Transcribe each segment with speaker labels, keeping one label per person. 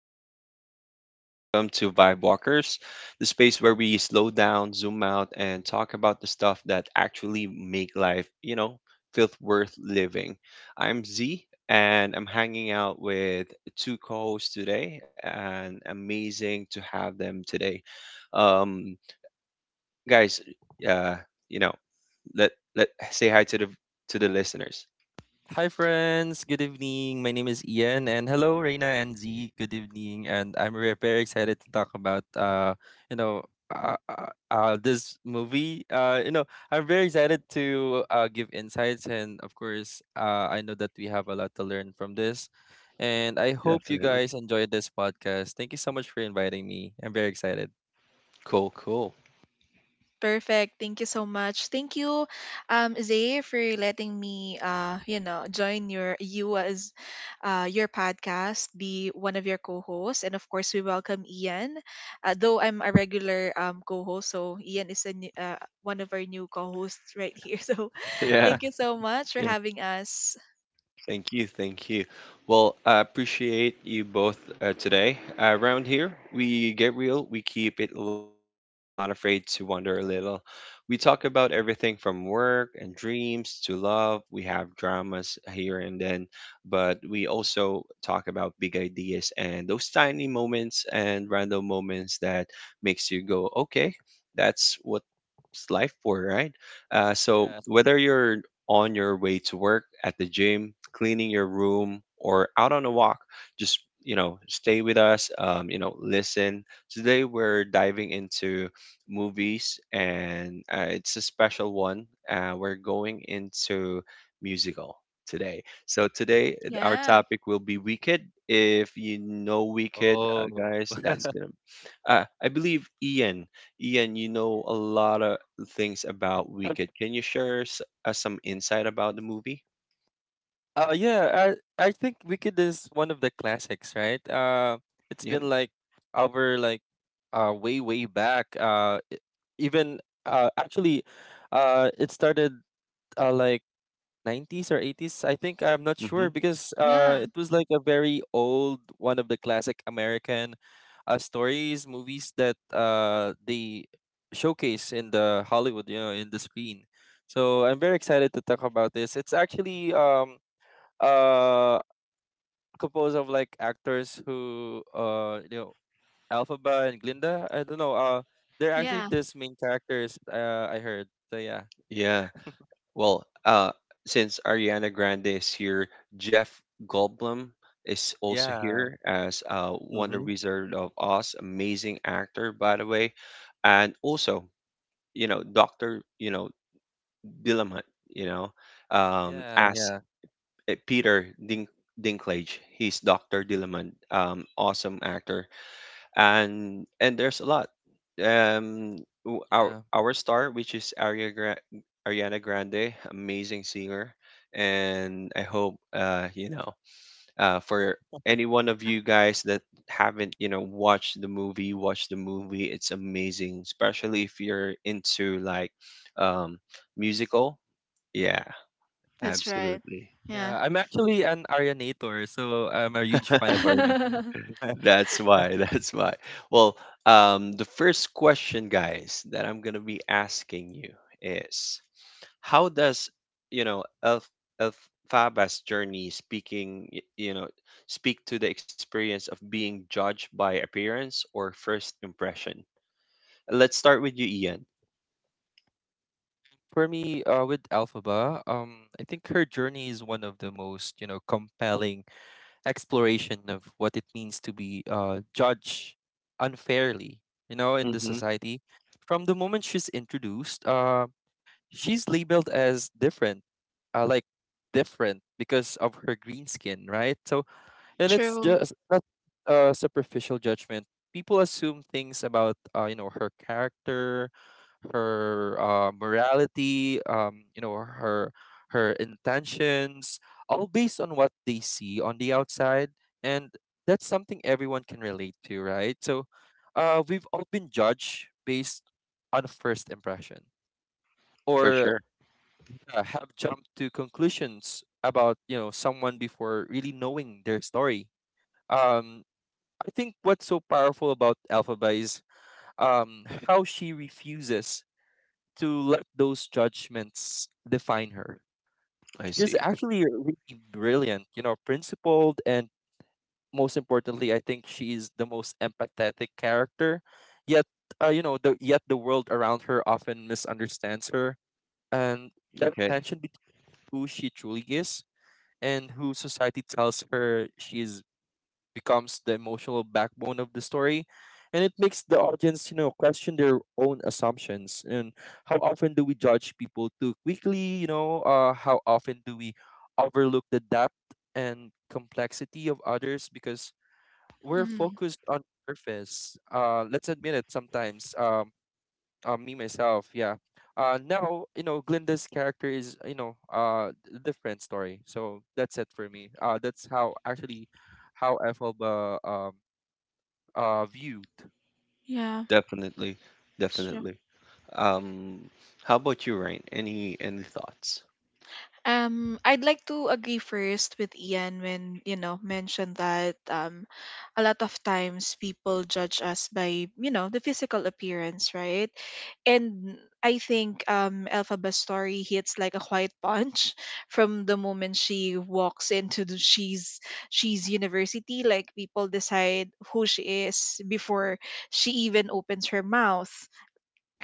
Speaker 1: What's up, everyone? Welcome to Vibe Walkers, the space where we slow down, zoom out, and talk about the stuff that actually make life, feel worth living. I'm Z, and I'm hanging out with two co-hosts today, and amazing to have them today. Um, guys, uh, you know, let say hi to the listeners.
Speaker 2: Hi, friends. Good evening. My name is Ian, and hello, Reina and Z. Good evening, and very excited to talk about this movie. I'm very excited to give insights, and of course, I know that we have a lot to learn from this, and I hope you
Speaker 1: Definitely.
Speaker 2: guys enjoyed this podcast. Thank you so much for inviting me. I'm very excited.
Speaker 1: Cool, cool.
Speaker 3: Perfect. Thank you so much. Thank you, Zay, for letting me, you know, join your podcast, be one of your co-hosts, and of course, we welcome Ian. Though I'm a regular co-host, so Ian is a new, one of our new co-hosts right here. So thank you so much for
Speaker 2: Yeah.
Speaker 3: having us.
Speaker 1: Thank you, thank you. Well, I appreciate you both today. Around here, we get real, we keep it light, and we're not afraid to wander a little. We talk about everything from work and dreams to love. We have dramas here and then, but we also talk about big ideas and those tiny moments and random moments that makes you go, okay, that's what it's life for, right? So
Speaker 2: Yeah.
Speaker 1: whether you're on your way to work, at the gym, cleaning your room, or out on a walk, just stay with us. Listen. Today we're diving into movies, and it's a special one. We're going into musical today. So today our
Speaker 3: Yeah,
Speaker 1: topic will be Wicked. If you know Wicked,
Speaker 2: Oh.
Speaker 1: guys, that's gonna. I believe Ian. Ian, you know a lot of things about Wicked. Can you share some insight about the movie?
Speaker 2: Uh, yeah, I think Wicked is one of the classics, right? It's
Speaker 1: Yep.
Speaker 2: been like over way way back. Even uh actually, it started like 90s or 80s. I think I'm not
Speaker 1: Hmm.
Speaker 2: sure because
Speaker 3: yeah,
Speaker 2: it was like a very old one of the classic American stories movies that they showcase in the Hollywood, you know, in the screen. So I'm very excited to talk about this. It's actually uh composed of like actors who you know Alphaba and Glinda. I don't know. They're actually
Speaker 3: yeah.
Speaker 2: this main characters. I heard. So yeah,
Speaker 1: Yeah. Well, since Ariana Grande is here, Jeff Goldblum is also
Speaker 2: yeah,
Speaker 1: here as Wonder
Speaker 2: mm-hmm.
Speaker 1: Wizard of Oz, amazing actor, by the way, and also Doctor Dillamont, you know,
Speaker 2: Yeah,
Speaker 1: as
Speaker 2: yeah,
Speaker 1: uh, Peter Dink- Dinklage, he's Doctor Dillamont, awesome actor. And there's a lot. Our
Speaker 2: yeah,
Speaker 1: star, which is Ariana Grande, amazing singer, and I hope for any one of you guys that haven't watched the movie, watch the movie. It's amazing, especially if you're into like um musical. Yeah,
Speaker 3: That's right.
Speaker 1: absolutely.
Speaker 3: Yeah,
Speaker 2: yeah. I'm actually an Arianator, so I'm a huge fan of Ariana.
Speaker 1: That's why. That's why. Well, the first question, guys, that I'm gonna be asking you is, how does you know Elf Elphaba's journey speaking, y- you know, speak to the experience of being judged by appearance or first impression? Let's start with you, Ian.
Speaker 2: For me, with Alphaba, I think her journey is one of the most compelling exploration of what it means to be judged unfairly, in the
Speaker 1: Mm-hmm.
Speaker 2: society. From the moment she's introduced, she's labeled as different, uh, like different because of her green skin, right? So and it's
Speaker 3: true.
Speaker 2: just not a superficial judgment. People assume things about her character, her morality, her intentions, all based on what they see on the outside, and that's something everyone can relate to, right? So, we've all been judged based on first impression,
Speaker 1: For
Speaker 2: or
Speaker 1: sure.
Speaker 2: have jumped to conclusions about someone before really knowing their story. Um, I think what's so powerful about Alphaba is how she refuses to let those judgments define her.
Speaker 1: I
Speaker 2: She's
Speaker 1: see.
Speaker 2: actually really brilliant, principled, and most importantly, I think she is the most empathetic character. Yet, yet the world around her often misunderstands her, and that
Speaker 1: Okay.
Speaker 2: tension between who she truly is and who society tells her she is becomes the emotional backbone of the story, and it makes the audience question their own assumptions. And how often do we judge people too quickly, how often do we overlook the depth and complexity of others because we're
Speaker 3: Mm,
Speaker 2: focused on surface? Let's admit it sometimes. Me myself, yeah. Now Glinda's character is a different story, so that's it for me. That's how actually how Ethelba viewed.
Speaker 3: yeah.
Speaker 1: Definitely.
Speaker 3: Sure.
Speaker 1: Definitely. Um, how about you, Ryan? Any thoughts?
Speaker 3: I'd like to agree first with Ian when, you know, mentioned that a lot of times people judge us by, you know, the physical appearance, right? And I think Elphaba's story hits like a quiet punch from the moment
Speaker 2: Yes,
Speaker 3: she walks into the she's university. Like people decide who she is before she even opens her mouth,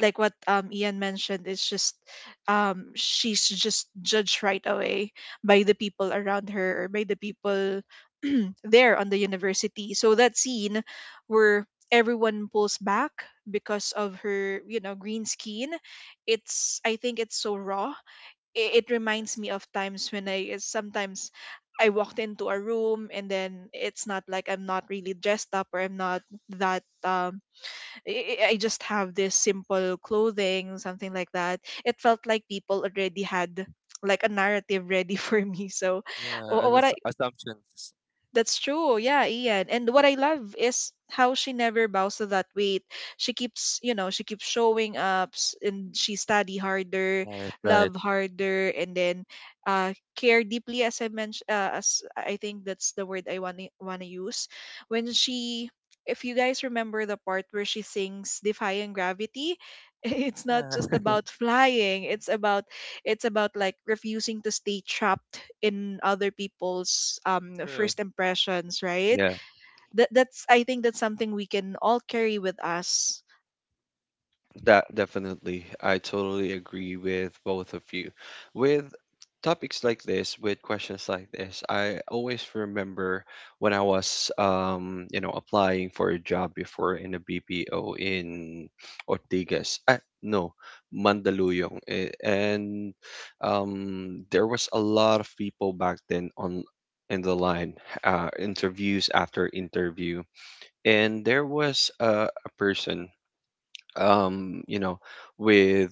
Speaker 3: like what Ian mentioned. It's just she's just judged right away by the people around her or by the people there on the university. So that scene where everyone pulls back because of her, you know, green skin, it's I think it's so raw. It reminds
Speaker 2: yes,
Speaker 3: me of times when I sometimes I walked into a room, and then it's not like I'm not really dressed up, or I'm not that um, I just have this simple clothing, something like that. It felt like people already had like a narrative ready for me. So
Speaker 2: yeah,
Speaker 3: wh-
Speaker 2: as
Speaker 3: what I
Speaker 2: assumptions.
Speaker 3: that's true. Yeah, Ian. And what I love is how she never bows to that weight. She keeps, you know, she keeps showing up, and she study harder,
Speaker 2: Right, right.
Speaker 3: love harder, and then care deeply, as I mentioned, as I think that's the word I want to use. When she, if you guys remember the part where she sings "Defying Gravity," it's not just
Speaker 2: Yeah.
Speaker 3: about flying. It's about like refusing to stay trapped in other people's
Speaker 2: true.
Speaker 3: first impressions, right?
Speaker 1: Yeah.
Speaker 3: That that's I think that's something we can all carry with us.
Speaker 1: That definitely. I totally agree with both of you. With topics like this, with questions like this, I always remember when I was applying for a job before in a BPO in Ortigas. Ah, no, Mandaluyong. Eh. And there was a lot of people back then on in the line, interviews after interview, and there was a person um you know with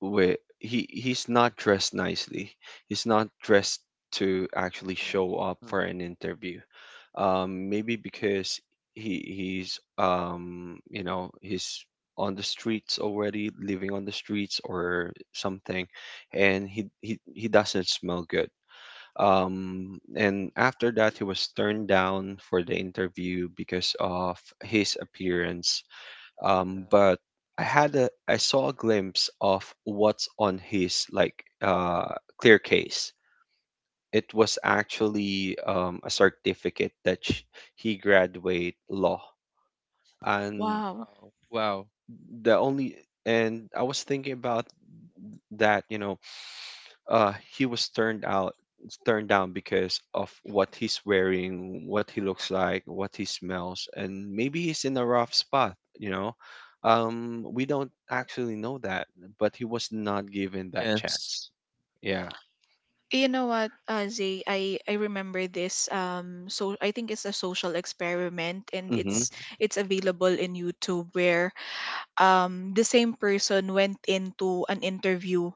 Speaker 1: he's not dressed nicely, he's not dressed to actually
Speaker 2: Mhm.
Speaker 1: show up
Speaker 2: Mm,
Speaker 1: for an interview, maybe because he's he's on the streets already, living on the streets or something, and he doesn't smell good. And after that, he was turned down for the interview because of his appearance.
Speaker 2: yeah.
Speaker 1: But I had a I saw a glimpse of what's on his like uh, clear case. It was actually a certificate that he graduate law, and
Speaker 3: Wow.
Speaker 2: Oh, wow.
Speaker 1: the only, and I was thinking about that. You know, he was turned down because of what he's wearing, what he looks like, what he smells, and maybe he's in a rough spot, we don't actually know that, but he was not given that
Speaker 2: Yes,
Speaker 1: chance. Yeah.
Speaker 3: You know what, Zay, I remember this. So I think it's a social experiment, and
Speaker 1: Mm-hmm.
Speaker 3: it's available in YouTube where the same person went into an interview,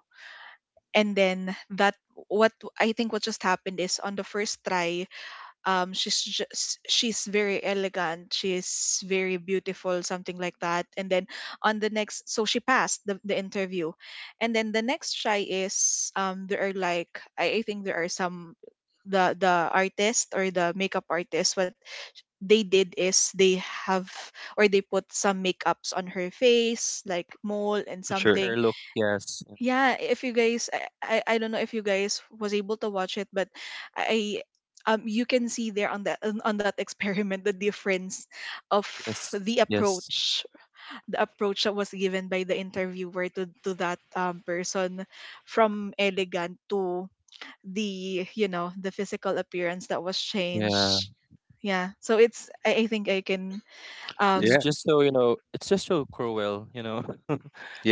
Speaker 3: and then that what I think what just happened is on the first try, she's just, she's very elegant, she's very beautiful, something like that. And then on the next, so she passed the interview. And then the next try is there are like, I think there are some, the artist or the makeup artist, what they did is they have, or they put some makeups on her face like mole and
Speaker 1: For sure.
Speaker 3: something.
Speaker 2: her look, yes, yeah.
Speaker 3: Yeah, if you guys, I don't know if you guys was able to watch it, but I you can see there on that experiment the difference of
Speaker 2: Yes,
Speaker 3: the
Speaker 2: yes,
Speaker 3: approach, the approach that was given by the interviewer to that person, from elegant to the, you know, the physical appearance that was
Speaker 2: yeah,
Speaker 3: changed. Yeah, so it's I think I can um
Speaker 2: it's just so cruel,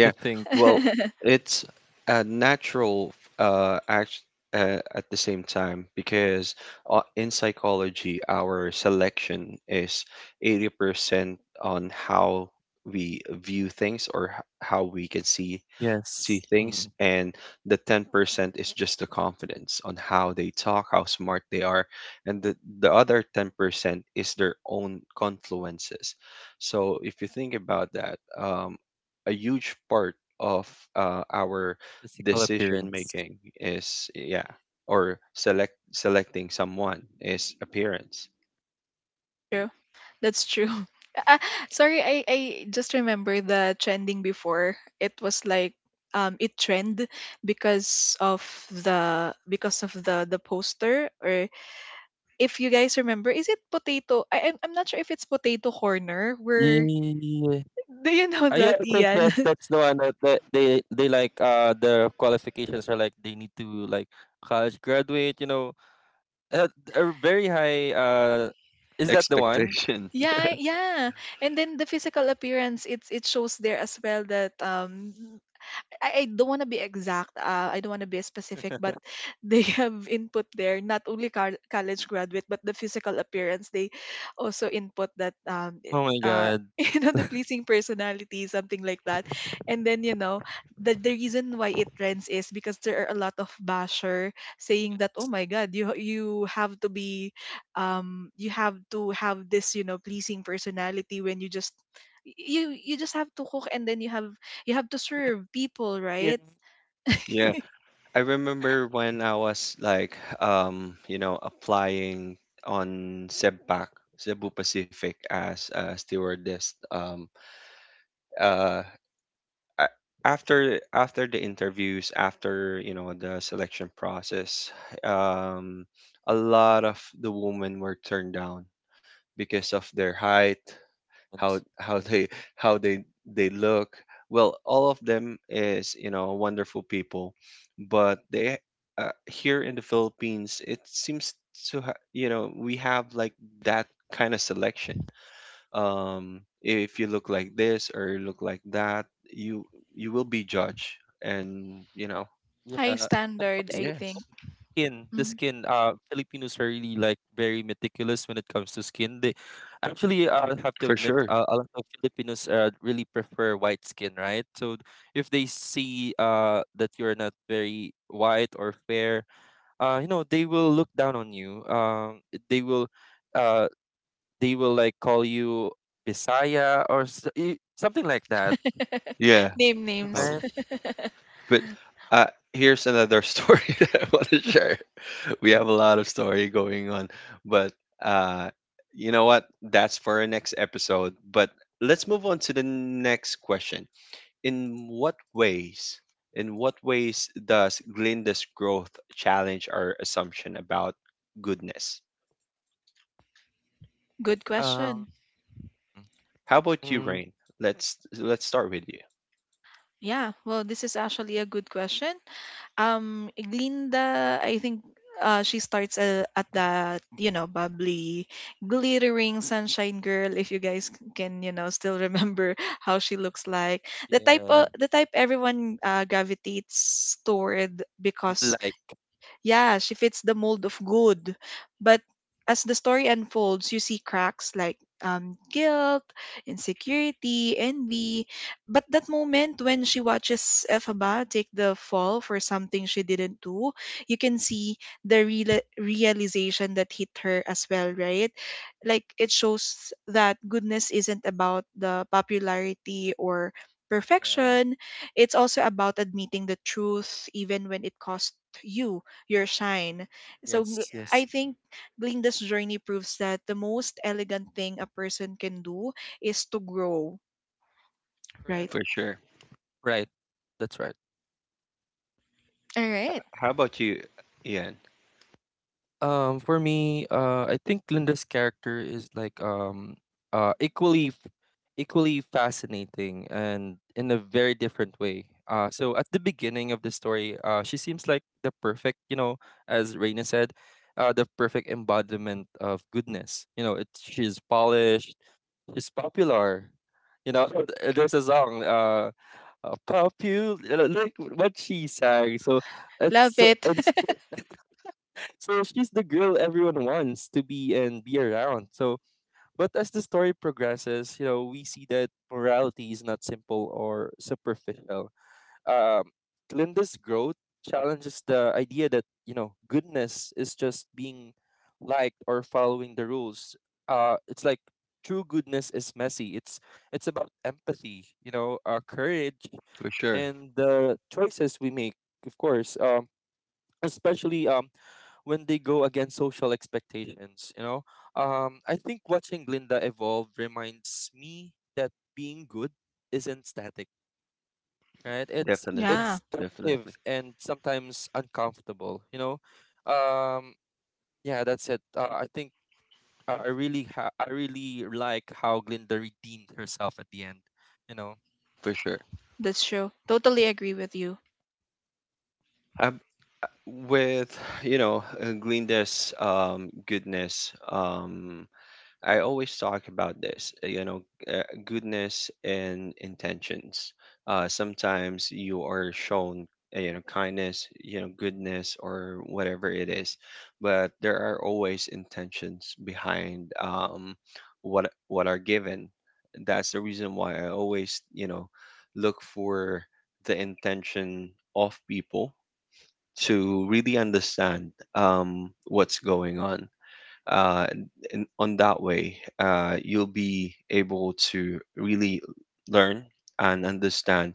Speaker 2: to think.
Speaker 1: well, it's a natural act at the same time because in psychology, our selection is 80% on how we view things, how we can see
Speaker 2: Yes.
Speaker 1: things,
Speaker 2: Mm.
Speaker 1: and the 10% is just the confidence on how they talk, how smart they are, and the other 10% is their own confluences. So if you think about that, a huge part of our
Speaker 2: Physical
Speaker 1: decision
Speaker 2: appearance.
Speaker 1: making is, yeah, or selecting someone is appearance.
Speaker 3: True. That's true. Ah, sorry, I just remember the trending before. It was like it trend because of the poster. Or if you guys remember, is it potato? I'm not sure if it's Potato Corner where
Speaker 2: Yeah.
Speaker 3: do you know
Speaker 2: Yeah,
Speaker 3: that,
Speaker 2: I think
Speaker 3: Ian?
Speaker 2: yes, that's the one that they like their qualifications are like they need to like college graduate, you know. Uh, a very high, is that the one?
Speaker 1: Expectation.
Speaker 3: Yeah, yeah. And then the physical appearance, it shows there as well that I don't want to be exact. I don't want to be specific, but they have input there not only college graduate, but the physical appearance. They also input that
Speaker 2: Oh my god.
Speaker 3: you know, the pleasing personality, something like that. And then, you know, the reason why it trends is because there are a lot of basher saying that, oh my god, you have to be, you have to have this, you know, pleasing personality, when you just, you just have to cook, and then you have to serve people,
Speaker 2: Yeah.
Speaker 3: right?
Speaker 1: yeah. I remember when I was like applying on Sebpac Cebu Pacific as a stewardess, uh a- after the interviews, after the selection process, um, a lot of the women were turned down because of their height, how how they they look. Well, all of them is wonderful people, but they, here in the Philippines, it seems to we have like that kind of selection. If you look like this or look like that, you will be judged, and you know,
Speaker 2: Yeah.
Speaker 3: High
Speaker 2: And
Speaker 3: standard,
Speaker 2: also,
Speaker 3: I
Speaker 1: yes,
Speaker 3: think.
Speaker 2: the
Speaker 3: Mm.
Speaker 2: skin. Filipinos are really like very meticulous when it comes to skin. They actually, I have to
Speaker 1: for
Speaker 2: admit,
Speaker 1: sure,
Speaker 2: a lot of Filipinos really prefer white skin, right? So if they see that you're not very white or fair, you know, they will look down on you. They will, uh, they will like call you Bisaya or something like that,
Speaker 1: yeah.
Speaker 3: Name names.
Speaker 1: Oh,
Speaker 2: right?
Speaker 1: but here's another story that I want to share. We have a lot of story going on, but uh, you know what? That's for our next episode. But let's move on to the next question. In what ways? In what ways does Glinda's growth challenge our assumption about goodness?
Speaker 3: Good
Speaker 2: Um.
Speaker 3: question.
Speaker 1: How about you,
Speaker 2: Mm,
Speaker 1: Rain? Let's start with you.
Speaker 3: Yeah, well, this is actually a good question. Glinda, I think she starts at that, you know, bubbly, glittering sunshine girl. If you guys can, you know, still remember how she looks like, the type,
Speaker 2: yeah,
Speaker 3: of the type everyone gravitates toward because,
Speaker 2: like
Speaker 3: yeah, she fits the mold of good. But as the story unfolds, you see cracks like, guilt, insecurity, envy. But that moment when she watches Elphaba take the fall for something she didn't do, you can see the realization that hit her as well, right? Like, it shows that goodness isn't about the popularity or
Speaker 2: yeah,
Speaker 3: perfection. It's also about admitting the truth even when it costs you your shine. So
Speaker 2: yes,
Speaker 3: I
Speaker 2: yes,
Speaker 3: think Glinda's journey proves that the most elegant thing a person can do is to grow, right?
Speaker 2: correct.
Speaker 1: For sure.
Speaker 2: Right. That's right.
Speaker 3: All right.
Speaker 1: How about you, Ian?
Speaker 2: For me, I think Linda's character is like uh, equally, f- equally fascinating and in a very different way. So at the beginning of the story, she seems like the perfect, you know, as Raina said, the perfect embodiment of goodness. You know, it she's polished, she's popular. You know, there's a song, popular, like what she sang. So it's
Speaker 3: Love
Speaker 2: so-
Speaker 3: it.
Speaker 2: it's So she's the girl everyone wants to be and be around. So, but as the story progresses, you know, we see that morality is not simple or superficial. Um, Glinda's growth challenges the idea that goodness is just being liked or following the rules. It's like true goodness is messy. It's about empathy, you know, courage,
Speaker 1: For sure.
Speaker 2: and the choices we make. Of course, especially when they go against social expectations, you know. I think watching Glinda evolve reminds me that being good isn't static, right?
Speaker 1: Definitely.
Speaker 3: Yeah,
Speaker 2: It's
Speaker 1: Definitely.
Speaker 2: active and sometimes uncomfortable, you know. um yeah, that's it. I really I really like how Glinda redeemed herself at the end, you know.
Speaker 1: For sure.
Speaker 3: that's true. Totally agree with you.
Speaker 1: Um, with Glinda's goodness, I always talk about this, goodness and intentions. Sometimes you are shown, kindness, goodness, or whatever it is, but there are always intentions behind what are given. That's the reason why I always, look for the intention of people to really understand what's going on uh, in, on that way, you'll be able to really learn and understand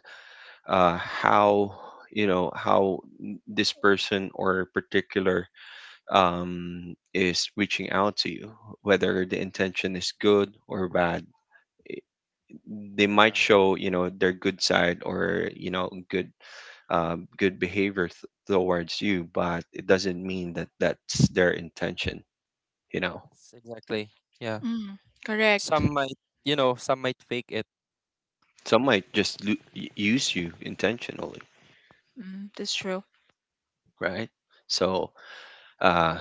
Speaker 1: how this person or particular is reaching out to you, whether the intention is good or bad. They might
Speaker 2: Yeah.
Speaker 1: show their good side or good behavior towards you, but it doesn't mean that that's their intention. You know.
Speaker 2: It's exactly, yeah.
Speaker 3: Mm, correct.
Speaker 2: Some might, you know, some might fake it.
Speaker 1: Some might just use you intentionally,
Speaker 3: Mm, that's true.
Speaker 1: right? So, uh,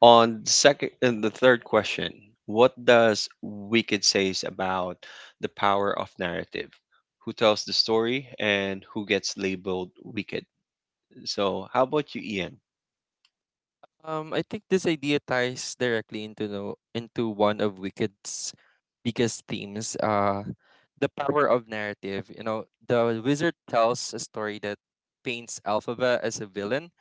Speaker 1: on the second and the third question, what does Wicked says about the power of narrative? Who tells the story and who gets labeled wicked? So, how about you, Ian?
Speaker 2: I think this idea ties directly into the into one of Wicked's biggest themes, the power of narrative. You know, the wizard tells a story that paints Alphaba as a villain,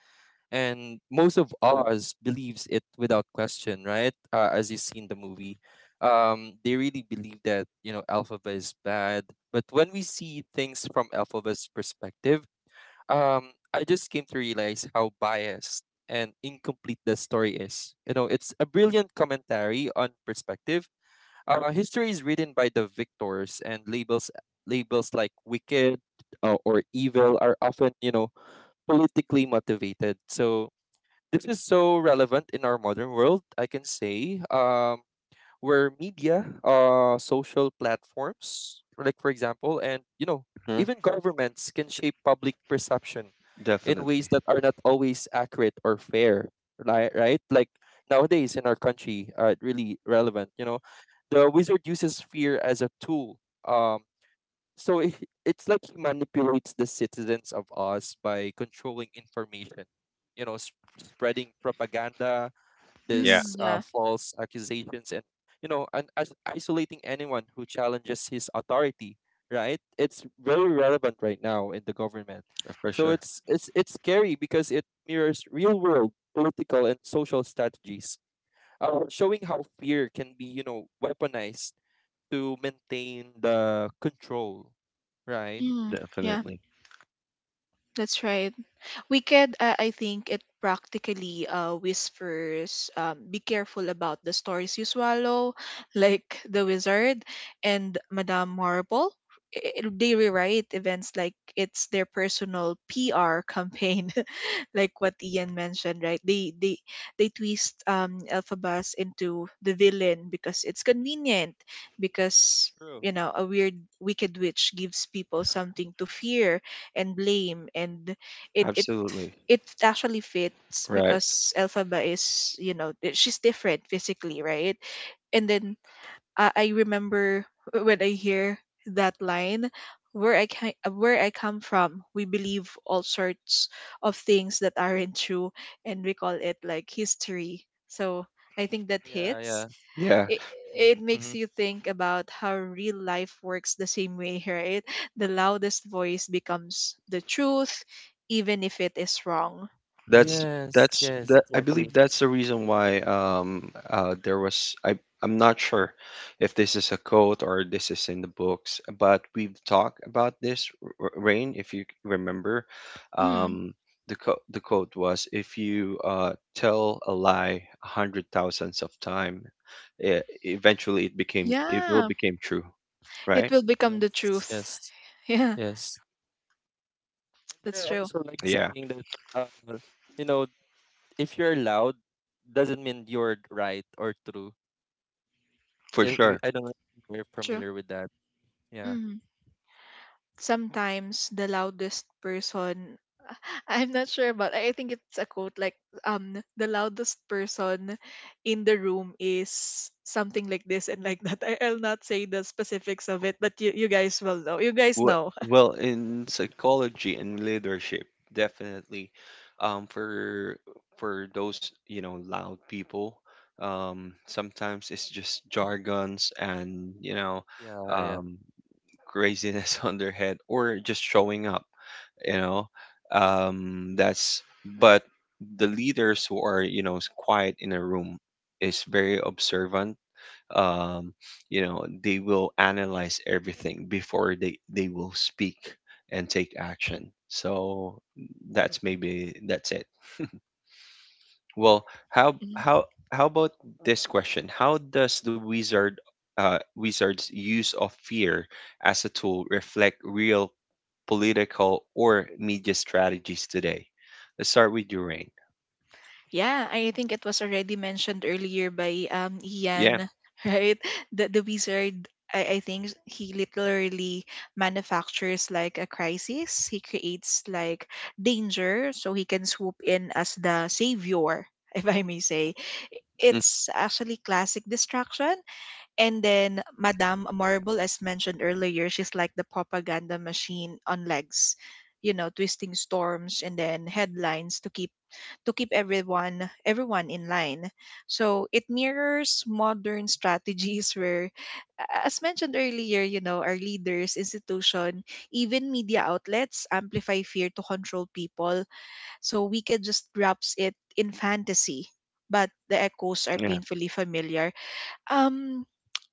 Speaker 2: and most of Oz believes it without question, right? As you see in the movie, they really believe that Alphaba is bad. But when we see things from Alphaba's perspective, I just came to realize how biased and incomplete the story is. You know, it's a brilliant commentary on perspective. History is written by the victors, and labels like wicked or evil are often, you know, politically motivated. So this is so relevant in our modern world, I can say. Where media, social platforms, like for example, and you know,
Speaker 1: Hmm?
Speaker 2: even governments can shape public perception in ways
Speaker 1: Definitely.
Speaker 2: that are not always accurate or fair. Right, right? Like nowadays in our country, really relevant. You know, the wizard uses fear as a tool. Um, so it's like he manipulates the citizens of us by controlling information. You know, spreading propaganda,
Speaker 1: Yeah,
Speaker 3: Mm,
Speaker 2: these
Speaker 3: yeah.
Speaker 2: false accusations, and you know, and as isolating anyone who challenges his authority, right? It's very relevant right now in the government.
Speaker 1: for
Speaker 2: So
Speaker 1: sure.
Speaker 2: it's scary because it mirrors real world political and social strategies, showing how fear can be, you know, weaponized to maintain the control, right?
Speaker 3: Mm, yeah,
Speaker 1: Definitely.
Speaker 3: that's right. We could, I think, it practically, whispers, be careful about the stories you swallow, like the wizard and Madame Marble. They rewrite events like it's their personal PR campaign, like what
Speaker 2: Yeah,
Speaker 3: Ian mentioned, right? They They twist Elphabas into the villain because it's convenient, because,
Speaker 2: true.
Speaker 3: you know, a weird wicked witch gives people something to fear and blame. And it it
Speaker 1: Absolutely.
Speaker 3: it actually fits
Speaker 1: Right.
Speaker 3: because Elphaba is, you know, she's different physically, right? And then I remember when I hear that line where I can where I come from, we believe all sorts of things that aren't true, and we call it like history. So I think that
Speaker 2: Yeah,
Speaker 3: hits.
Speaker 2: yeah.
Speaker 1: Yeah.
Speaker 3: it, it
Speaker 2: Mm-hmm.
Speaker 3: makes you think about how real life works the same way, right? The loudest voice becomes the truth even if it is wrong.
Speaker 1: That's
Speaker 2: Yes,
Speaker 1: that's
Speaker 2: yes,
Speaker 1: that I believe
Speaker 2: exactly.
Speaker 1: that's the reason why there was I, I'm not sure if this is a quote or this is in the books, but we've talked about this, Rain, if you remember.
Speaker 3: Mm,
Speaker 1: Um the co the quote was, if you tell a lie a hundred thousands of time, eventually it became it will
Speaker 3: yeah.
Speaker 1: become true,
Speaker 3: It
Speaker 1: right?
Speaker 3: will become the
Speaker 2: Yes,
Speaker 3: truth.
Speaker 2: yes,
Speaker 3: Yeah,
Speaker 2: yes. And
Speaker 3: that's
Speaker 2: there are
Speaker 3: true.
Speaker 2: also like
Speaker 1: Yeah,
Speaker 2: saying that uh, you know, if you're loud, doesn't mean you're right or true.
Speaker 1: for
Speaker 2: If
Speaker 1: sure.
Speaker 2: I don't know if you're
Speaker 3: True.
Speaker 2: familiar with that. Yeah.
Speaker 3: Sometimes the loudest person I'm not sure about, I think it's a quote like, the loudest person in the room is something like this, and like that. I'll not say the specifics of it, but you guys will know. You guys
Speaker 1: Well,
Speaker 3: know.
Speaker 1: well, in psychology and leadership, definitely, for those loud people, sometimes it's just jargons and you know,
Speaker 2: Yeah, yeah.
Speaker 1: um, craziness on their head or just showing up. You know, that's, but the leaders who are quiet in a room is very observant. um, you know, they will analyze everything before they will speak and take action. So that's, maybe that's it. Well, how about this question, how does the wizard's use of fear as a tool reflect real political or media strategies today? Let's start with your Rain.
Speaker 3: Yeah, I think it was already mentioned earlier by
Speaker 1: Yeah.
Speaker 3: Ian, right? That the wizard, I think he literally manufactures like a crisis. He creates like danger so he can swoop in as the savior, if I may say.
Speaker 1: Mm.
Speaker 3: It's actually classic distraction. And then Madame Marble, as mentioned earlier, she's like the propaganda machine on legs. You know, twisting storms and then headlines to keep everyone, in line. So it mirrors modern strategies where, as mentioned earlier, you know, our leaders, institution, even media outlets amplify fear to control people. So we can just wraps it in fantasy, but the echoes are
Speaker 2: Uh,
Speaker 1: Yeah.
Speaker 3: painfully familiar. Um,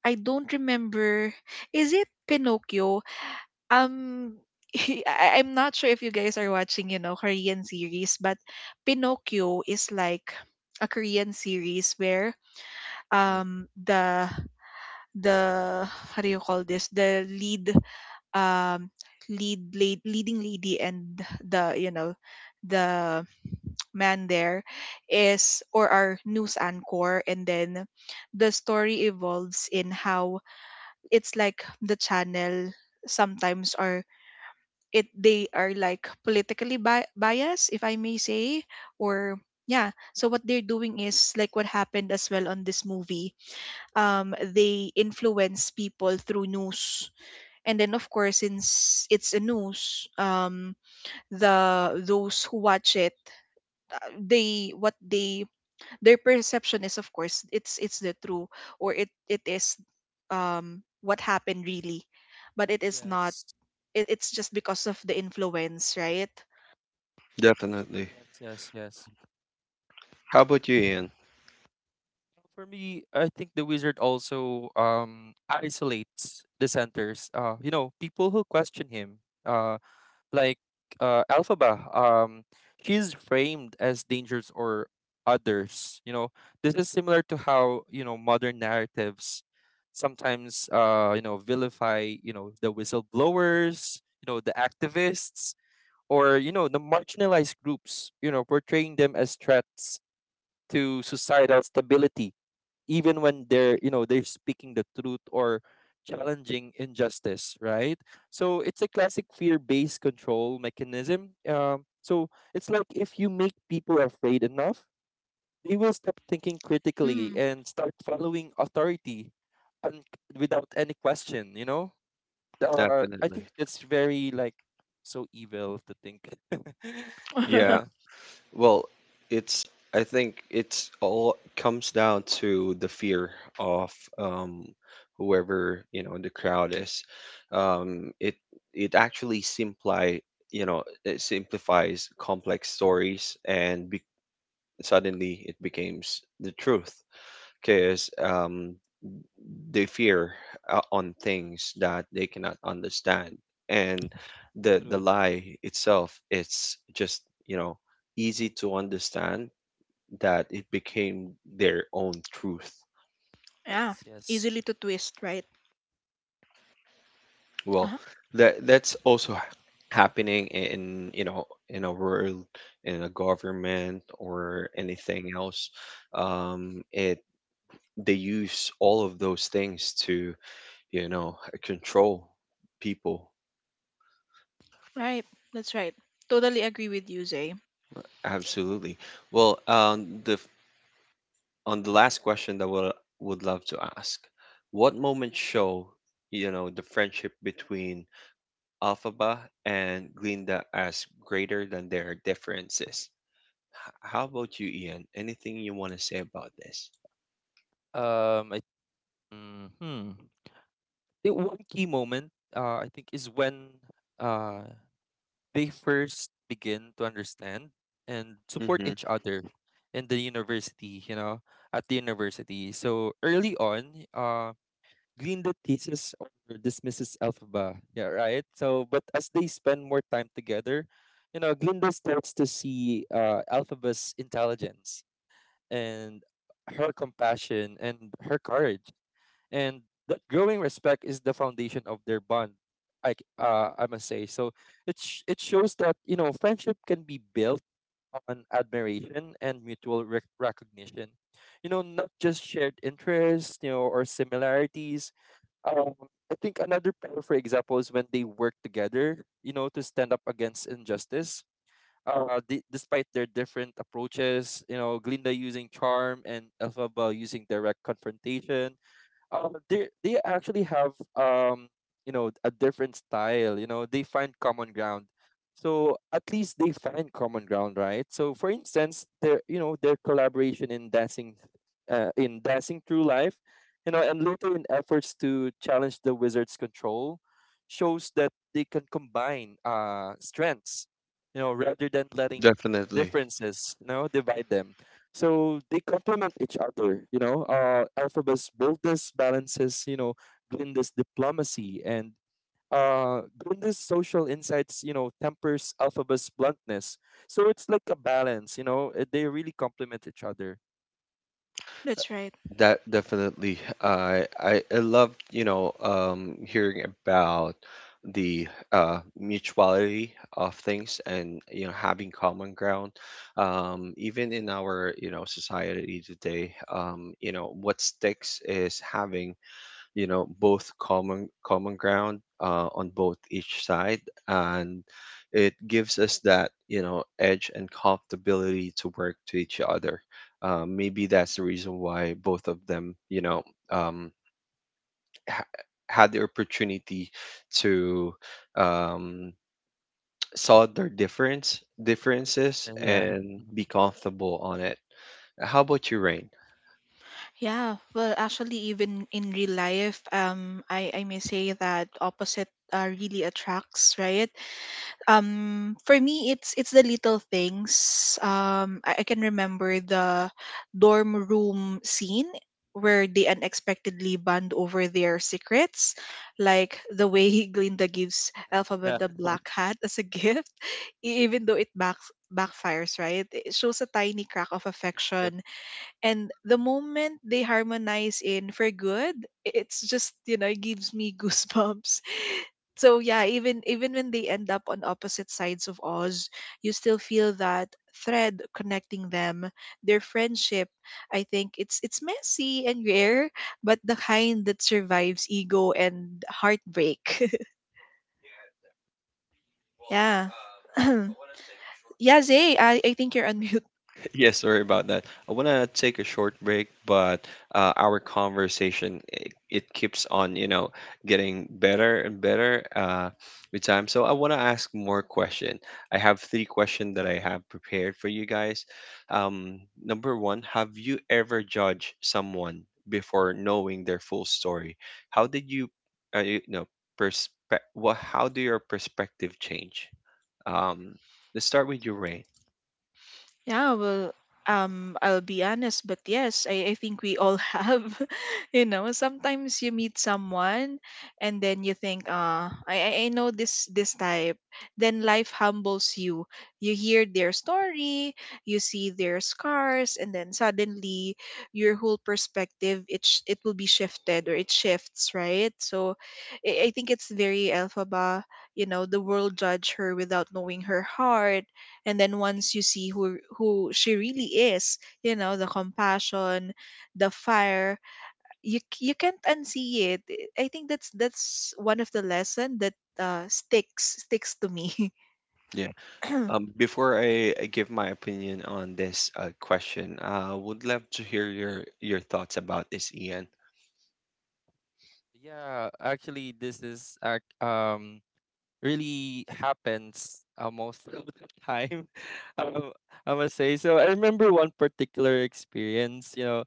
Speaker 3: I don't remember. Is it Pinocchio, um I, I- am not sure if you guys are watching, you know, Korean series, but Pinocchio is like a Korean series where
Speaker 2: mm,
Speaker 3: um the the, how do you call this? The lead, um, leading lady and the, you know, the man there is or are news anchor. And then the story evolves in how it's like the channel sometimes are, it they are like politically biased, if I may say. Or yeah, so what they're doing is like what happened as well on this movie. Um, they influence people through news. And then, of course, since it's a news, the, those who watch it, they what they their perception is, of course, it's the true, or it is what happened really, but it is not.
Speaker 2: yes.
Speaker 3: It's just because of the influence, right?
Speaker 1: Definitely.
Speaker 2: Yes, yes, yes.
Speaker 1: How about you, Ian?
Speaker 2: For me, I think the wizard also isolates dissenters. You know, people who question him. Like Alphaba, she's framed as dangerous or others, you know. This is similar to how, you know, modern narratives sometimes you know, vilify, you know, the whistleblowers, you know, the activists or, you know, the marginalized groups, you know, portraying them as threats to societal stability, even when they're, you know, they're speaking the truth or challenging injustice, right? So it's a classic fear-based control mechanism. So it's like if you make people afraid enough, they will stop thinking critically
Speaker 3: Mm.
Speaker 2: and start following authority un- without any question, you know. I
Speaker 1: Definitely.
Speaker 2: think it's very like so evil to think. Yeah,
Speaker 1: Well, it's, I think it's all comes down to the fear of um, whoever the crowd is. It it actually simplify, it simplifies complex stories, suddenly it becomes the truth because they fear on things that they cannot understand, and the
Speaker 2: true.
Speaker 1: lie itself, it's just you know easy to understand, that it became their own truth.
Speaker 3: Yeah,
Speaker 2: Yes, yes.
Speaker 3: easily to twist, right?
Speaker 1: Well,
Speaker 3: Uh-huh.
Speaker 1: that's also happening in in a world, in a government, or anything else. It they use all of those things to you know control people.
Speaker 3: Right, that's right. Totally agree with you, Zay.
Speaker 1: Absolutely. Well, on the last question that would love to ask, what moment show the friendship between Alphaba and Glinda as greater than their differences. How about you, Ian? Anything you want to say about this?
Speaker 2: I, mm, hmm The one key moment, I think, is when uh, they first begin to understand and support
Speaker 1: Mm-hmm.
Speaker 2: each other in the university, you know, at the university. So early on, Glinda teases or dismisses Elphaba, yeah, right? So, but as they spend more time together, you know, Glinda starts to see Elphaba's intelligence and her compassion and her courage, and that growing respect is the foundation of their bond, I must say. So it shows that you know friendship can be built on admiration and mutual recognition, you know, not just shared interests, you know, or similarities. um I think another pair for example is when they work together, you know, to stand up against injustice, despite their different approaches, you know, Glinda using charm and Elphaba using direct confrontation, they actually have, you know, a different style, you know. They find common ground, so at least they find common ground, right? So for instance, their, you know, their collaboration in dancing, in dancing through life, you know, and later in efforts to challenge the wizard's control, shows that they can combine strengths, you know, rather than letting
Speaker 1: Definitely.
Speaker 2: differences, you know, divide them. So they complement each other, you know. Alphaba's boldness balances, you know, Glinda's diplomacy, and Glinda's social insights, you know, tempers Alphaba's bluntness. So it's like a balance, you know. They really complement each other.
Speaker 3: That's right.
Speaker 1: That definitely. I love, you know, hearing about the mutuality of things and you know having common ground. Um, even in our, you know, society today, what sticks is having both common ground on both each side, and it gives us that, you know, edge and comfortability to work to each other. Maybe that's the reason why both of them, um, ha- had the opportunity to, um, saw their
Speaker 2: Yeah,
Speaker 1: differences
Speaker 2: yeah. Mhm.
Speaker 1: and be comfortable on it. How about you, Rain?
Speaker 3: Yeah, well, actually, even in real life, I may say that opposite, really attracts, right? Um, for me, it's the little things. Um, I can remember the dorm room scene where they unexpectedly bond over their secrets, like the way Glinda gives Elphaba the black hat as a gift. e- even though it backfires, right, it
Speaker 2: Yeah.
Speaker 3: shows a tiny crack of affection. And the moment they harmonize in for good, it's just, you know, it gives me goosebumps. So yeah, even even when they end up on opposite sides of Oz, you still feel that thread connecting them, their friendship. I think it's messy and rare, but the kind that survives ego and heartbreak. Yeah. Yeah, Zay, I think you're on mute.
Speaker 1: Yeah, sorry about that. I want to take a short break, but our conversation, it keeps on, you know, getting better and better with time. So I want to ask more question. I have three questions that I have prepared for you guys. Number one, have you ever judged someone before knowing their full story? How did you, you know, perspe- what? How do your perspective change? Um, let's start with your Rain.
Speaker 3: Yeah, well, I'll be honest, but yes, I think we all have. You know, sometimes you meet someone and then you think, I know this type. Then life humbles you. You hear their story, you see their scars, and then suddenly your whole perspective it sh- it will be shifted or it shifts, right? So, I think it's very Elphaba. You know, the world judge her without knowing her heart, and then once you see who she really is, you know, the compassion, the fire, you can't unsee it. I think that's one of the lesson that sticks to me.
Speaker 1: Before I give my opinion on this question, I would love to hear your thoughts about this, Ian.
Speaker 2: Yeah. Actually, this really happens, most of the time. Um, I must say. So I remember one particular experience, you know.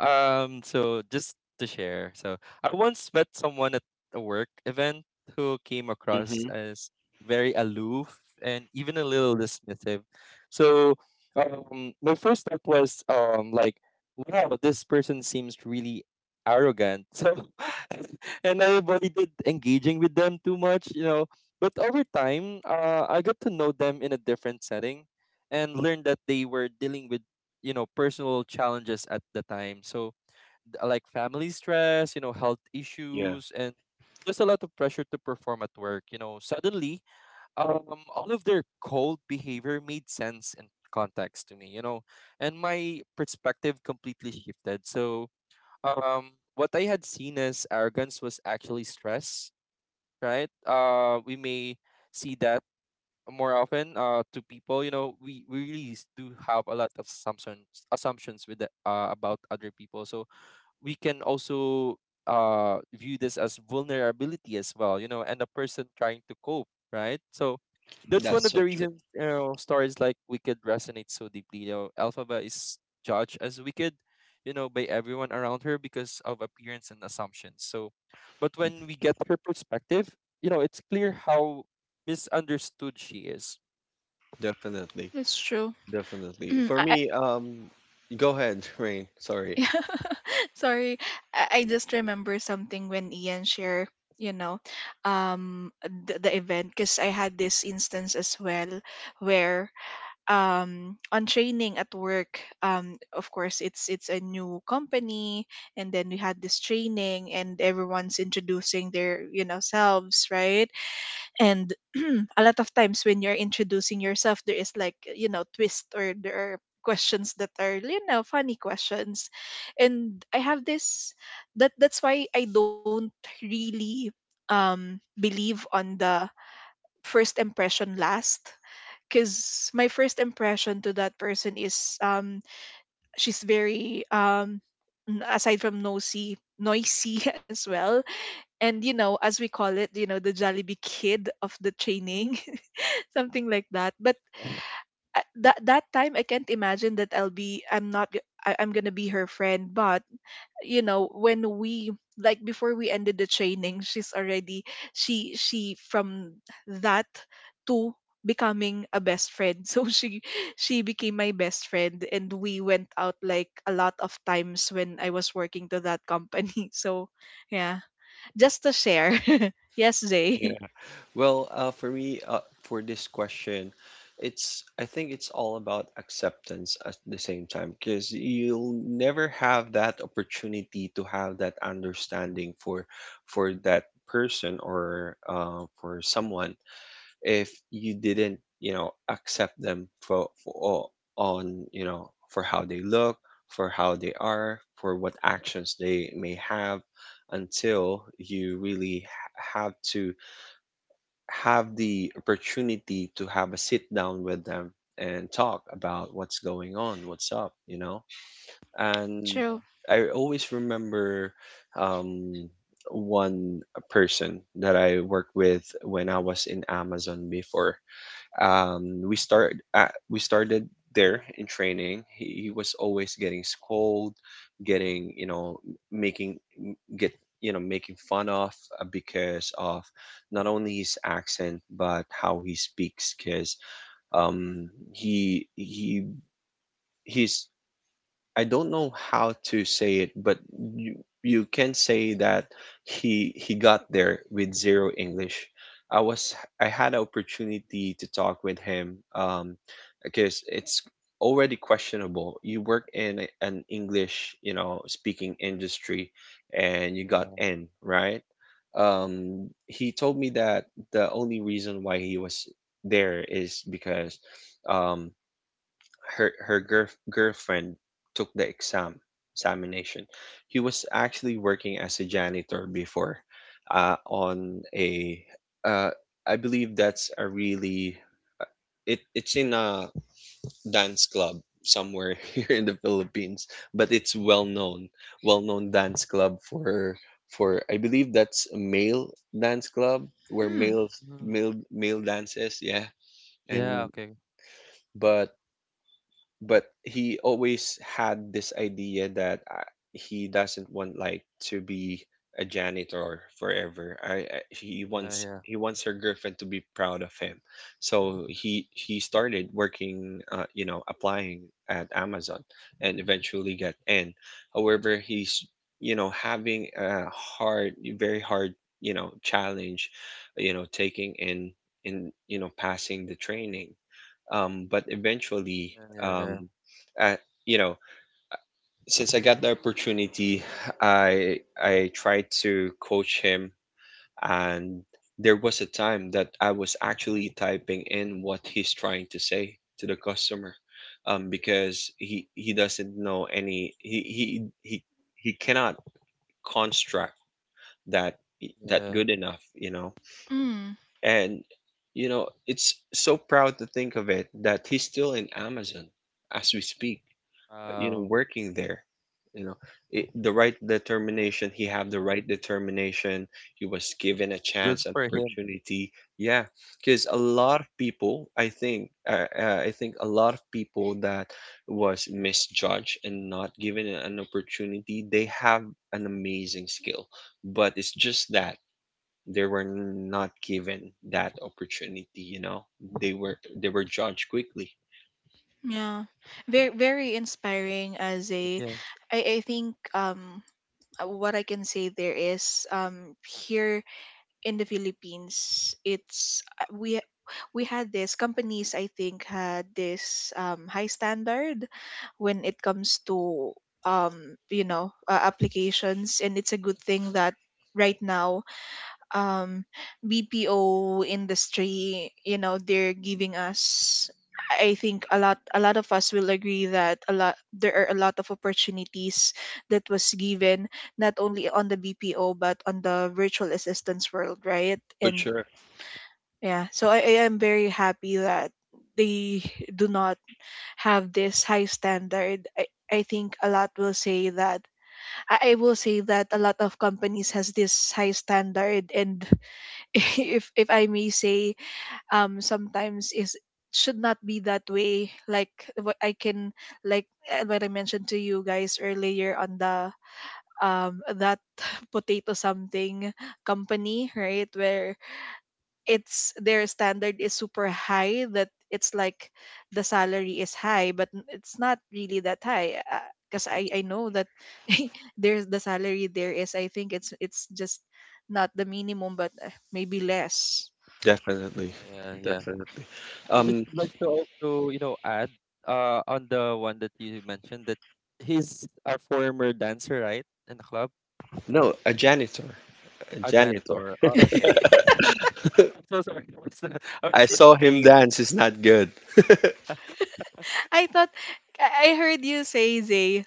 Speaker 2: So just to share. So I once met someone at a work event who came across
Speaker 1: Mm-hmm.
Speaker 2: as very aloof and even a little dismissive. So my first thought was like, wow, this person seems really arrogant. So and I avoided engaging with them too much, you know, but over time, I got to know them in a different setting and learned that they were dealing with, you know, personal challenges at the time. So, like family stress, you know, health
Speaker 1: Yeah,
Speaker 2: issues, and just a lot of pressure to perform at work. You know, suddenly, all of their cold behavior made sense and context to me, you know, and my perspective completely shifted. So, what I had seen as arrogance was actually stress, right? We may see that more often, uh, to people. You know, we really do have a lot of assumptions with the, uh, about other people. So we can also view this as vulnerability as well, you know, and a person trying to cope, right? So that's one
Speaker 1: that's
Speaker 2: of
Speaker 1: so
Speaker 2: the
Speaker 1: true.
Speaker 2: reasons, you know, stories like Wicked resonate so deeply. You know, Alphaba is judged as wicked, you know, by everyone around her because of appearance and assumptions. So but when we get her perspective, you know, it's clear how misunderstood she is.
Speaker 1: Definitely.
Speaker 3: It's true.
Speaker 1: Definitely.
Speaker 3: Mm,
Speaker 1: For
Speaker 3: I, I,
Speaker 1: me, go ahead, Rain. Sorry.
Speaker 3: sorry, I just remember something when Ian shared, you know, the event, because I had this instance as well where, on training at work. Of course, it's a new company, and then we had this training and everyone's introducing their, you know, selves, right? And a lot of times when you're introducing yourself, there is, like, you know, twist, or there are questions that are, you know, funny questions. And I have this, that's why I don't really, believe on the first impression last, because my first impression to that person is, she's very, aside from nosy, noisy as well. And, you know, as we call it, you know, the Jollibee kid of the training, something like that. But that time, I can't imagine that I'll be I'm not g- I, I'm gonna be her friend. But, you know, when we, like, before we ended the training, she's already, she from that to becoming a best friend. So she became my best friend, and we went out, like, a lot of times when I was working to that company. So yeah, just to share. Yes, Jay.
Speaker 1: Yeah. Well, for me, for this question, it's I think it's all about acceptance at the same time because you'll never have that opportunity to have that understanding for that person or for someone if you didn't, you know, accept them for on, you know, for how they look, for how they are, for what actions they may have, until you really have to have the opportunity to have a sit down with them and talk about what's going on, what's up, you know. And
Speaker 2: Yeah.
Speaker 3: True.
Speaker 1: I always remember um, one person that I worked with when I was in Amazon before. We started there in training. He was always getting scolded, getting, you know, making get making fun of, because of not only his accent but how he speaks. Because um, he he he's, I don't know how to say it, but you can say that he got there with zero English. I was I had an opportunity to talk with him, because it's already questionable. You work in an English, you know, speaking industry and you got
Speaker 2: Yeah.
Speaker 1: N, right? He told me that the only reason why he was there is because um her her girl girlfriend took the examination. He was actually working as a janitor before, on a uh, I believe that's a really, it's in a dance club somewhere here in the Philippines, but it's well known dance club for, I believe that's a male dance club where
Speaker 3: mm,
Speaker 2: Mhm.
Speaker 1: male dances. Yeah.
Speaker 2: Yeah,
Speaker 1: And
Speaker 2: okay.
Speaker 1: but but he always had this idea that he doesn't want like to be a janitor forever. I He
Speaker 2: Yeah,
Speaker 1: wants,
Speaker 2: yeah,
Speaker 1: her girlfriend to be proud of him. So he started working, you know, applying at Amazon, and eventually got in. However, he's, you know, having a hard, very hard, you know, challenge, you know, taking in, you know, passing the training, but eventually,
Speaker 2: yeah. Yeah,
Speaker 1: um, I, you know, since I got the opportunity, I I tried to coach him, and there was a time that I was actually typing in what he's trying to say to the customer, because he doesn't know any he cannot construct that that
Speaker 2: yeah.
Speaker 1: good enough, you know,
Speaker 3: mm.
Speaker 1: and you know it's so proud to think of it that he's still in Amazon as we speak, you know,
Speaker 2: Uh,
Speaker 1: working there, you know, the right determination, he had the right determination. He was given a
Speaker 2: good
Speaker 1: chance, an
Speaker 2: for him.
Speaker 1: opportunity. Yeah, because a lot of people, I think a lot of people that was misjudged and not given an opportunity, they have an amazing skill, but it's just that they were not given that opportunity, you know. They were, they were judged quickly.
Speaker 3: Yeah, very inspiring. As a,
Speaker 2: Yeah,
Speaker 3: I think, what I can say there is, here in the Philippines, it's we had this companies, I think, had this high standard when it comes to, um, you know, applications. And it's a good thing that right now, um BPO industry, you know, they're giving us, I think, a lot of us will agree that a lot there are a lot of opportunities that was given, not only on the BPO, but on the virtual assistance world, right?
Speaker 1: For
Speaker 3: And
Speaker 1: sure.
Speaker 3: yeah, so I am very happy that they do not have this high standard. I think a lot will say that, I will say that a lot of companies has this high standard. And if I may say, sometimes is should not be that way. Like, what I can what I mentioned to you guys earlier on the, that potato something company, right? Where it's, their standard is super high that it's like the salary is high, but it's not really that high. Because I know that there's the salary there is, I think, it's just not the minimum, but maybe less.
Speaker 1: Definitely,
Speaker 2: yeah, yeah, yeah.
Speaker 1: definitely.
Speaker 2: I just
Speaker 1: Um,
Speaker 2: would like to also, you know, add on the one that you mentioned that he's a former dancer, right? In the club,
Speaker 1: no, a janitor, a
Speaker 2: a
Speaker 1: janitor.
Speaker 2: janitor. Oh, okay, okay. I'm so sorry. I
Speaker 1: I
Speaker 2: was not
Speaker 1: saw him
Speaker 2: paying.
Speaker 1: dance. It's not good
Speaker 3: I thought I heard you say Zay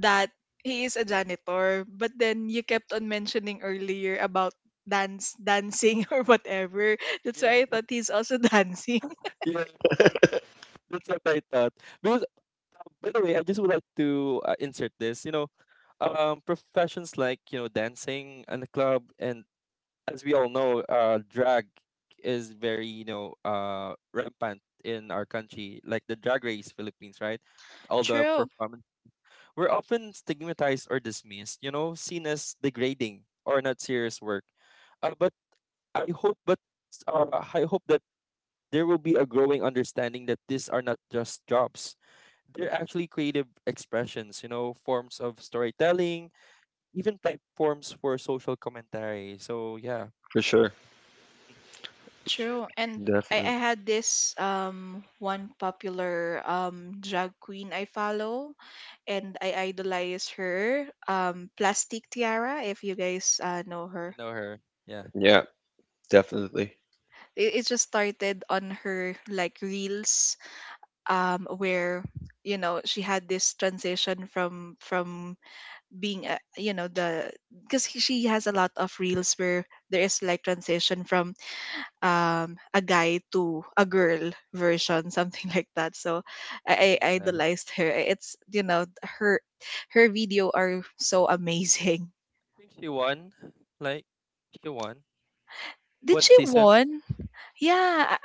Speaker 3: that he is a janitor, but then you kept on mentioning earlier about dance dancing, or whatever. That's
Speaker 2: Yeah,
Speaker 3: why I thought he's also dancing.
Speaker 2: yeah. That's what I thought. Because, by the way, I just would like to insert this. You know, professions like, you know, dancing in the club, and as we all know, drag is very, you know, rampant in our country, like the Drag Race Philippines, right? All the
Speaker 3: True,
Speaker 2: performance we're often stigmatized or dismissed, you know, seen as degrading or not serious work. Uh, but but I hope that there will be a growing understanding that these are not just jobs. They're actually creative expressions, you know, forms of storytelling, even platforms for social commentary. So yeah,
Speaker 1: for sure.
Speaker 2: I
Speaker 3: true. And I,
Speaker 1: Definitely.
Speaker 3: I had this, um, one popular, um, drag queen I follow, and I idolize her. Um, Plastic Tiara, if you guys know her.
Speaker 2: know her. Yeah.
Speaker 1: Yeah, definitely.
Speaker 3: It just started on her, like, reels, where, you know, she had this transition from, being a, you know, the, because she has a lot of reels where there is, like, transition from, a guy to a girl version, something like that. So I
Speaker 2: Yeah. I
Speaker 3: idolized her. It's, you know, her, her video are so amazing.
Speaker 2: think she won. Like, she won.
Speaker 3: Did
Speaker 2: What
Speaker 3: she
Speaker 2: season?
Speaker 3: won? Yeah.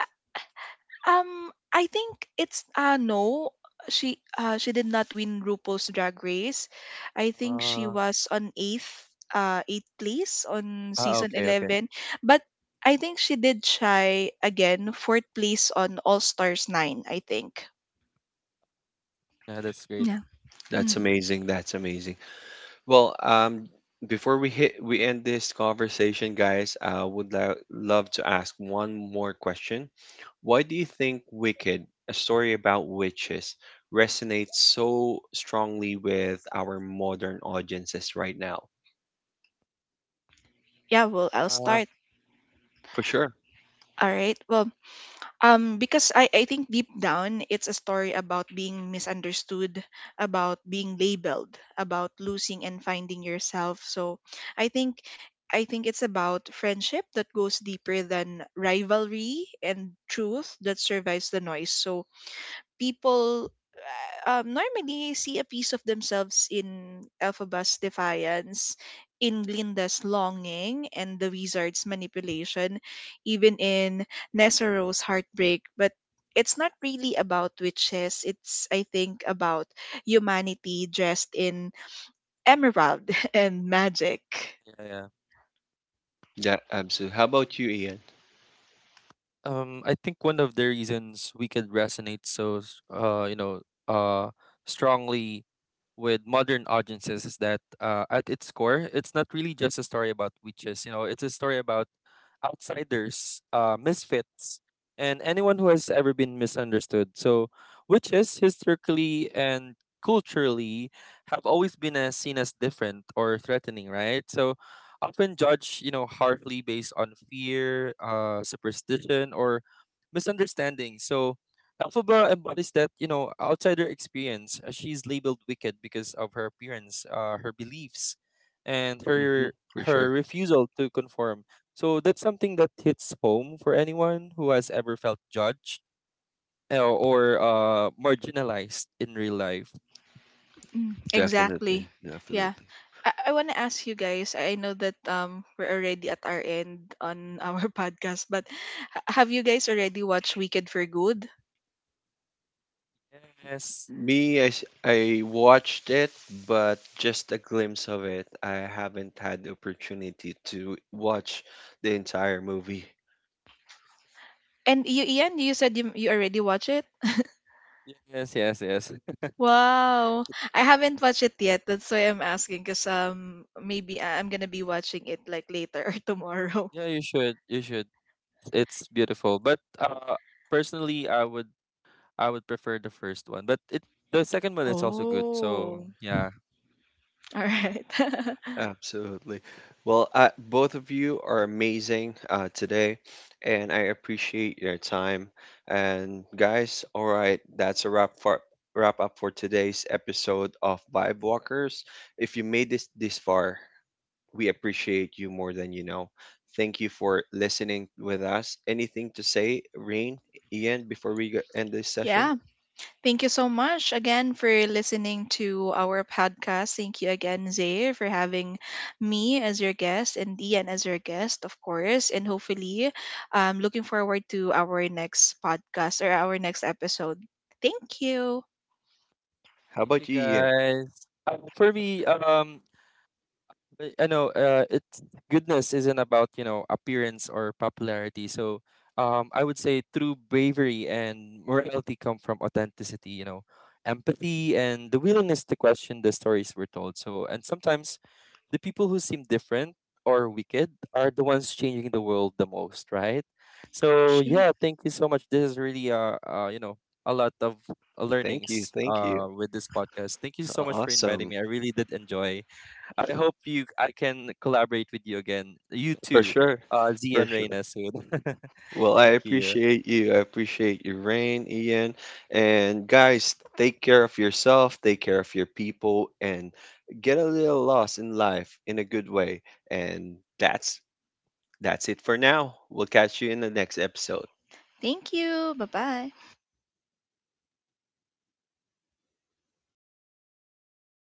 Speaker 3: I think it's uh, no. She uh, she did not win RuPaul's Drag Race. I think she
Speaker 2: Uh,
Speaker 3: was on eighth, eighth place on
Speaker 2: ah,
Speaker 3: season
Speaker 2: okay, okay.
Speaker 3: 11. But I think she did try again, fourth place on All Stars nine, I think.
Speaker 2: Yeah, that's great.
Speaker 3: Yeah.
Speaker 1: That's
Speaker 3: Mm.
Speaker 1: amazing. That's amazing. Well, before we hit we end this conversation, guys, I would love to ask one more question. Why do you think Wicked, a story about witches, resonates so strongly with our modern audiences right now?
Speaker 3: Yeah. Well, I'll
Speaker 2: Uh,
Speaker 3: start.
Speaker 1: For sure.
Speaker 3: All right. Well, um, because I think, deep down, it's a story about being misunderstood, about being labeled, about losing and finding yourself. So I think, it's about friendship that goes deeper than rivalry, and truth that survives the noise. So people, normally see a piece of themselves in Elphaba's defiance, in Glinda's longing, and the wizard's manipulation, even in Nesoro's heartbreak. But it's not really about witches. It's, I think, about humanity dressed in emerald and magic.
Speaker 2: yeah, yeah, yeah.
Speaker 1: Yeah, absolutely. How about you, Ian?
Speaker 2: I think one of the reasons we could resonate so, you know, uh, strongly with modern audiences is that, at its core, it's not really just a story about witches. You know, it's a story about outsiders, misfits, and anyone who has ever been misunderstood. So, witches historically and culturally have always been, seen as different or threatening, right? So, often judged, you know, harshly based on fear, superstition, or misunderstanding. So, Elphaba embodies that, you know, outsider experience. She's labeled wicked because of her appearance, her beliefs, and
Speaker 1: Hmm.
Speaker 2: her
Speaker 1: For sure.
Speaker 2: her refusal to conform. So that's something that hits home for anyone who has ever felt judged, or marginalized in real life.
Speaker 3: Mm. Exactly.
Speaker 1: Definitely. Definitely.
Speaker 3: Yeah. I want to ask you guys. I know that um, we're already at our end on our podcast. But have you guys already watched Wicked for Good?
Speaker 2: Yes,
Speaker 1: Me, I watched it, but just a glimpse of it. I haven't had the opportunity to watch the entire movie.
Speaker 3: And you, Ian, you said you already watch it.
Speaker 2: yes, yes, yes.
Speaker 3: Wow, I haven't watched it yet. That's why I'm asking, cause um, maybe I'm gonna be watching it, like, later or tomorrow.
Speaker 2: Yeah, you should. You should. It's beautiful. But personally, I would prefer the first one. But it the second one is also good. So
Speaker 3: Oh.
Speaker 2: yeah.
Speaker 3: All right.
Speaker 1: Absolutely. Well, both of you are amazing today, and I appreciate your time. And guys, all right, that's a wrap for wrap up for today's episode of Vibe Walkers. If you made this far, we appreciate you more than you know. Thank you for listening with us. Anything to say, Rain, Ian, before we end this session?
Speaker 3: Yeah. Thank you so much again for listening to our podcast. Thank you again, Zay, for having me as your guest, and Dian as your guest, of course. And hopefully, looking forward to our next podcast or our next episode. Thank you.
Speaker 1: How
Speaker 2: Thank you
Speaker 1: about you, Ian?
Speaker 2: guys. For me, but I know, it's goodness isn't about, you know, appearance or popularity. So I would say true bravery and morality come from authenticity. You know, empathy and the willingness to question the stories we're told. So and sometimes the people who seem different or wicked are the ones changing the world the most, right? So
Speaker 3: Sure.
Speaker 2: yeah, thank you so much. This is really you know, a lot of
Speaker 1: Thank you,
Speaker 2: learnings
Speaker 1: thank you.
Speaker 2: with this podcast. Thank you so much for inviting
Speaker 1: Awesome,
Speaker 2: me. I really did enjoy. I can collaborate with you again. You
Speaker 1: for
Speaker 2: too,
Speaker 1: sure,
Speaker 2: Z
Speaker 1: for
Speaker 2: and
Speaker 1: sure.
Speaker 2: Reina soon.
Speaker 1: Well, I
Speaker 2: Thank you.
Speaker 1: appreciate you. I appreciate you, Rain, Ian. And guys, take care of yourself, take care of your people, and get a little lost in life in a good way. And that's it for now. We'll catch you in the next episode.
Speaker 3: Thank you. Bye bye.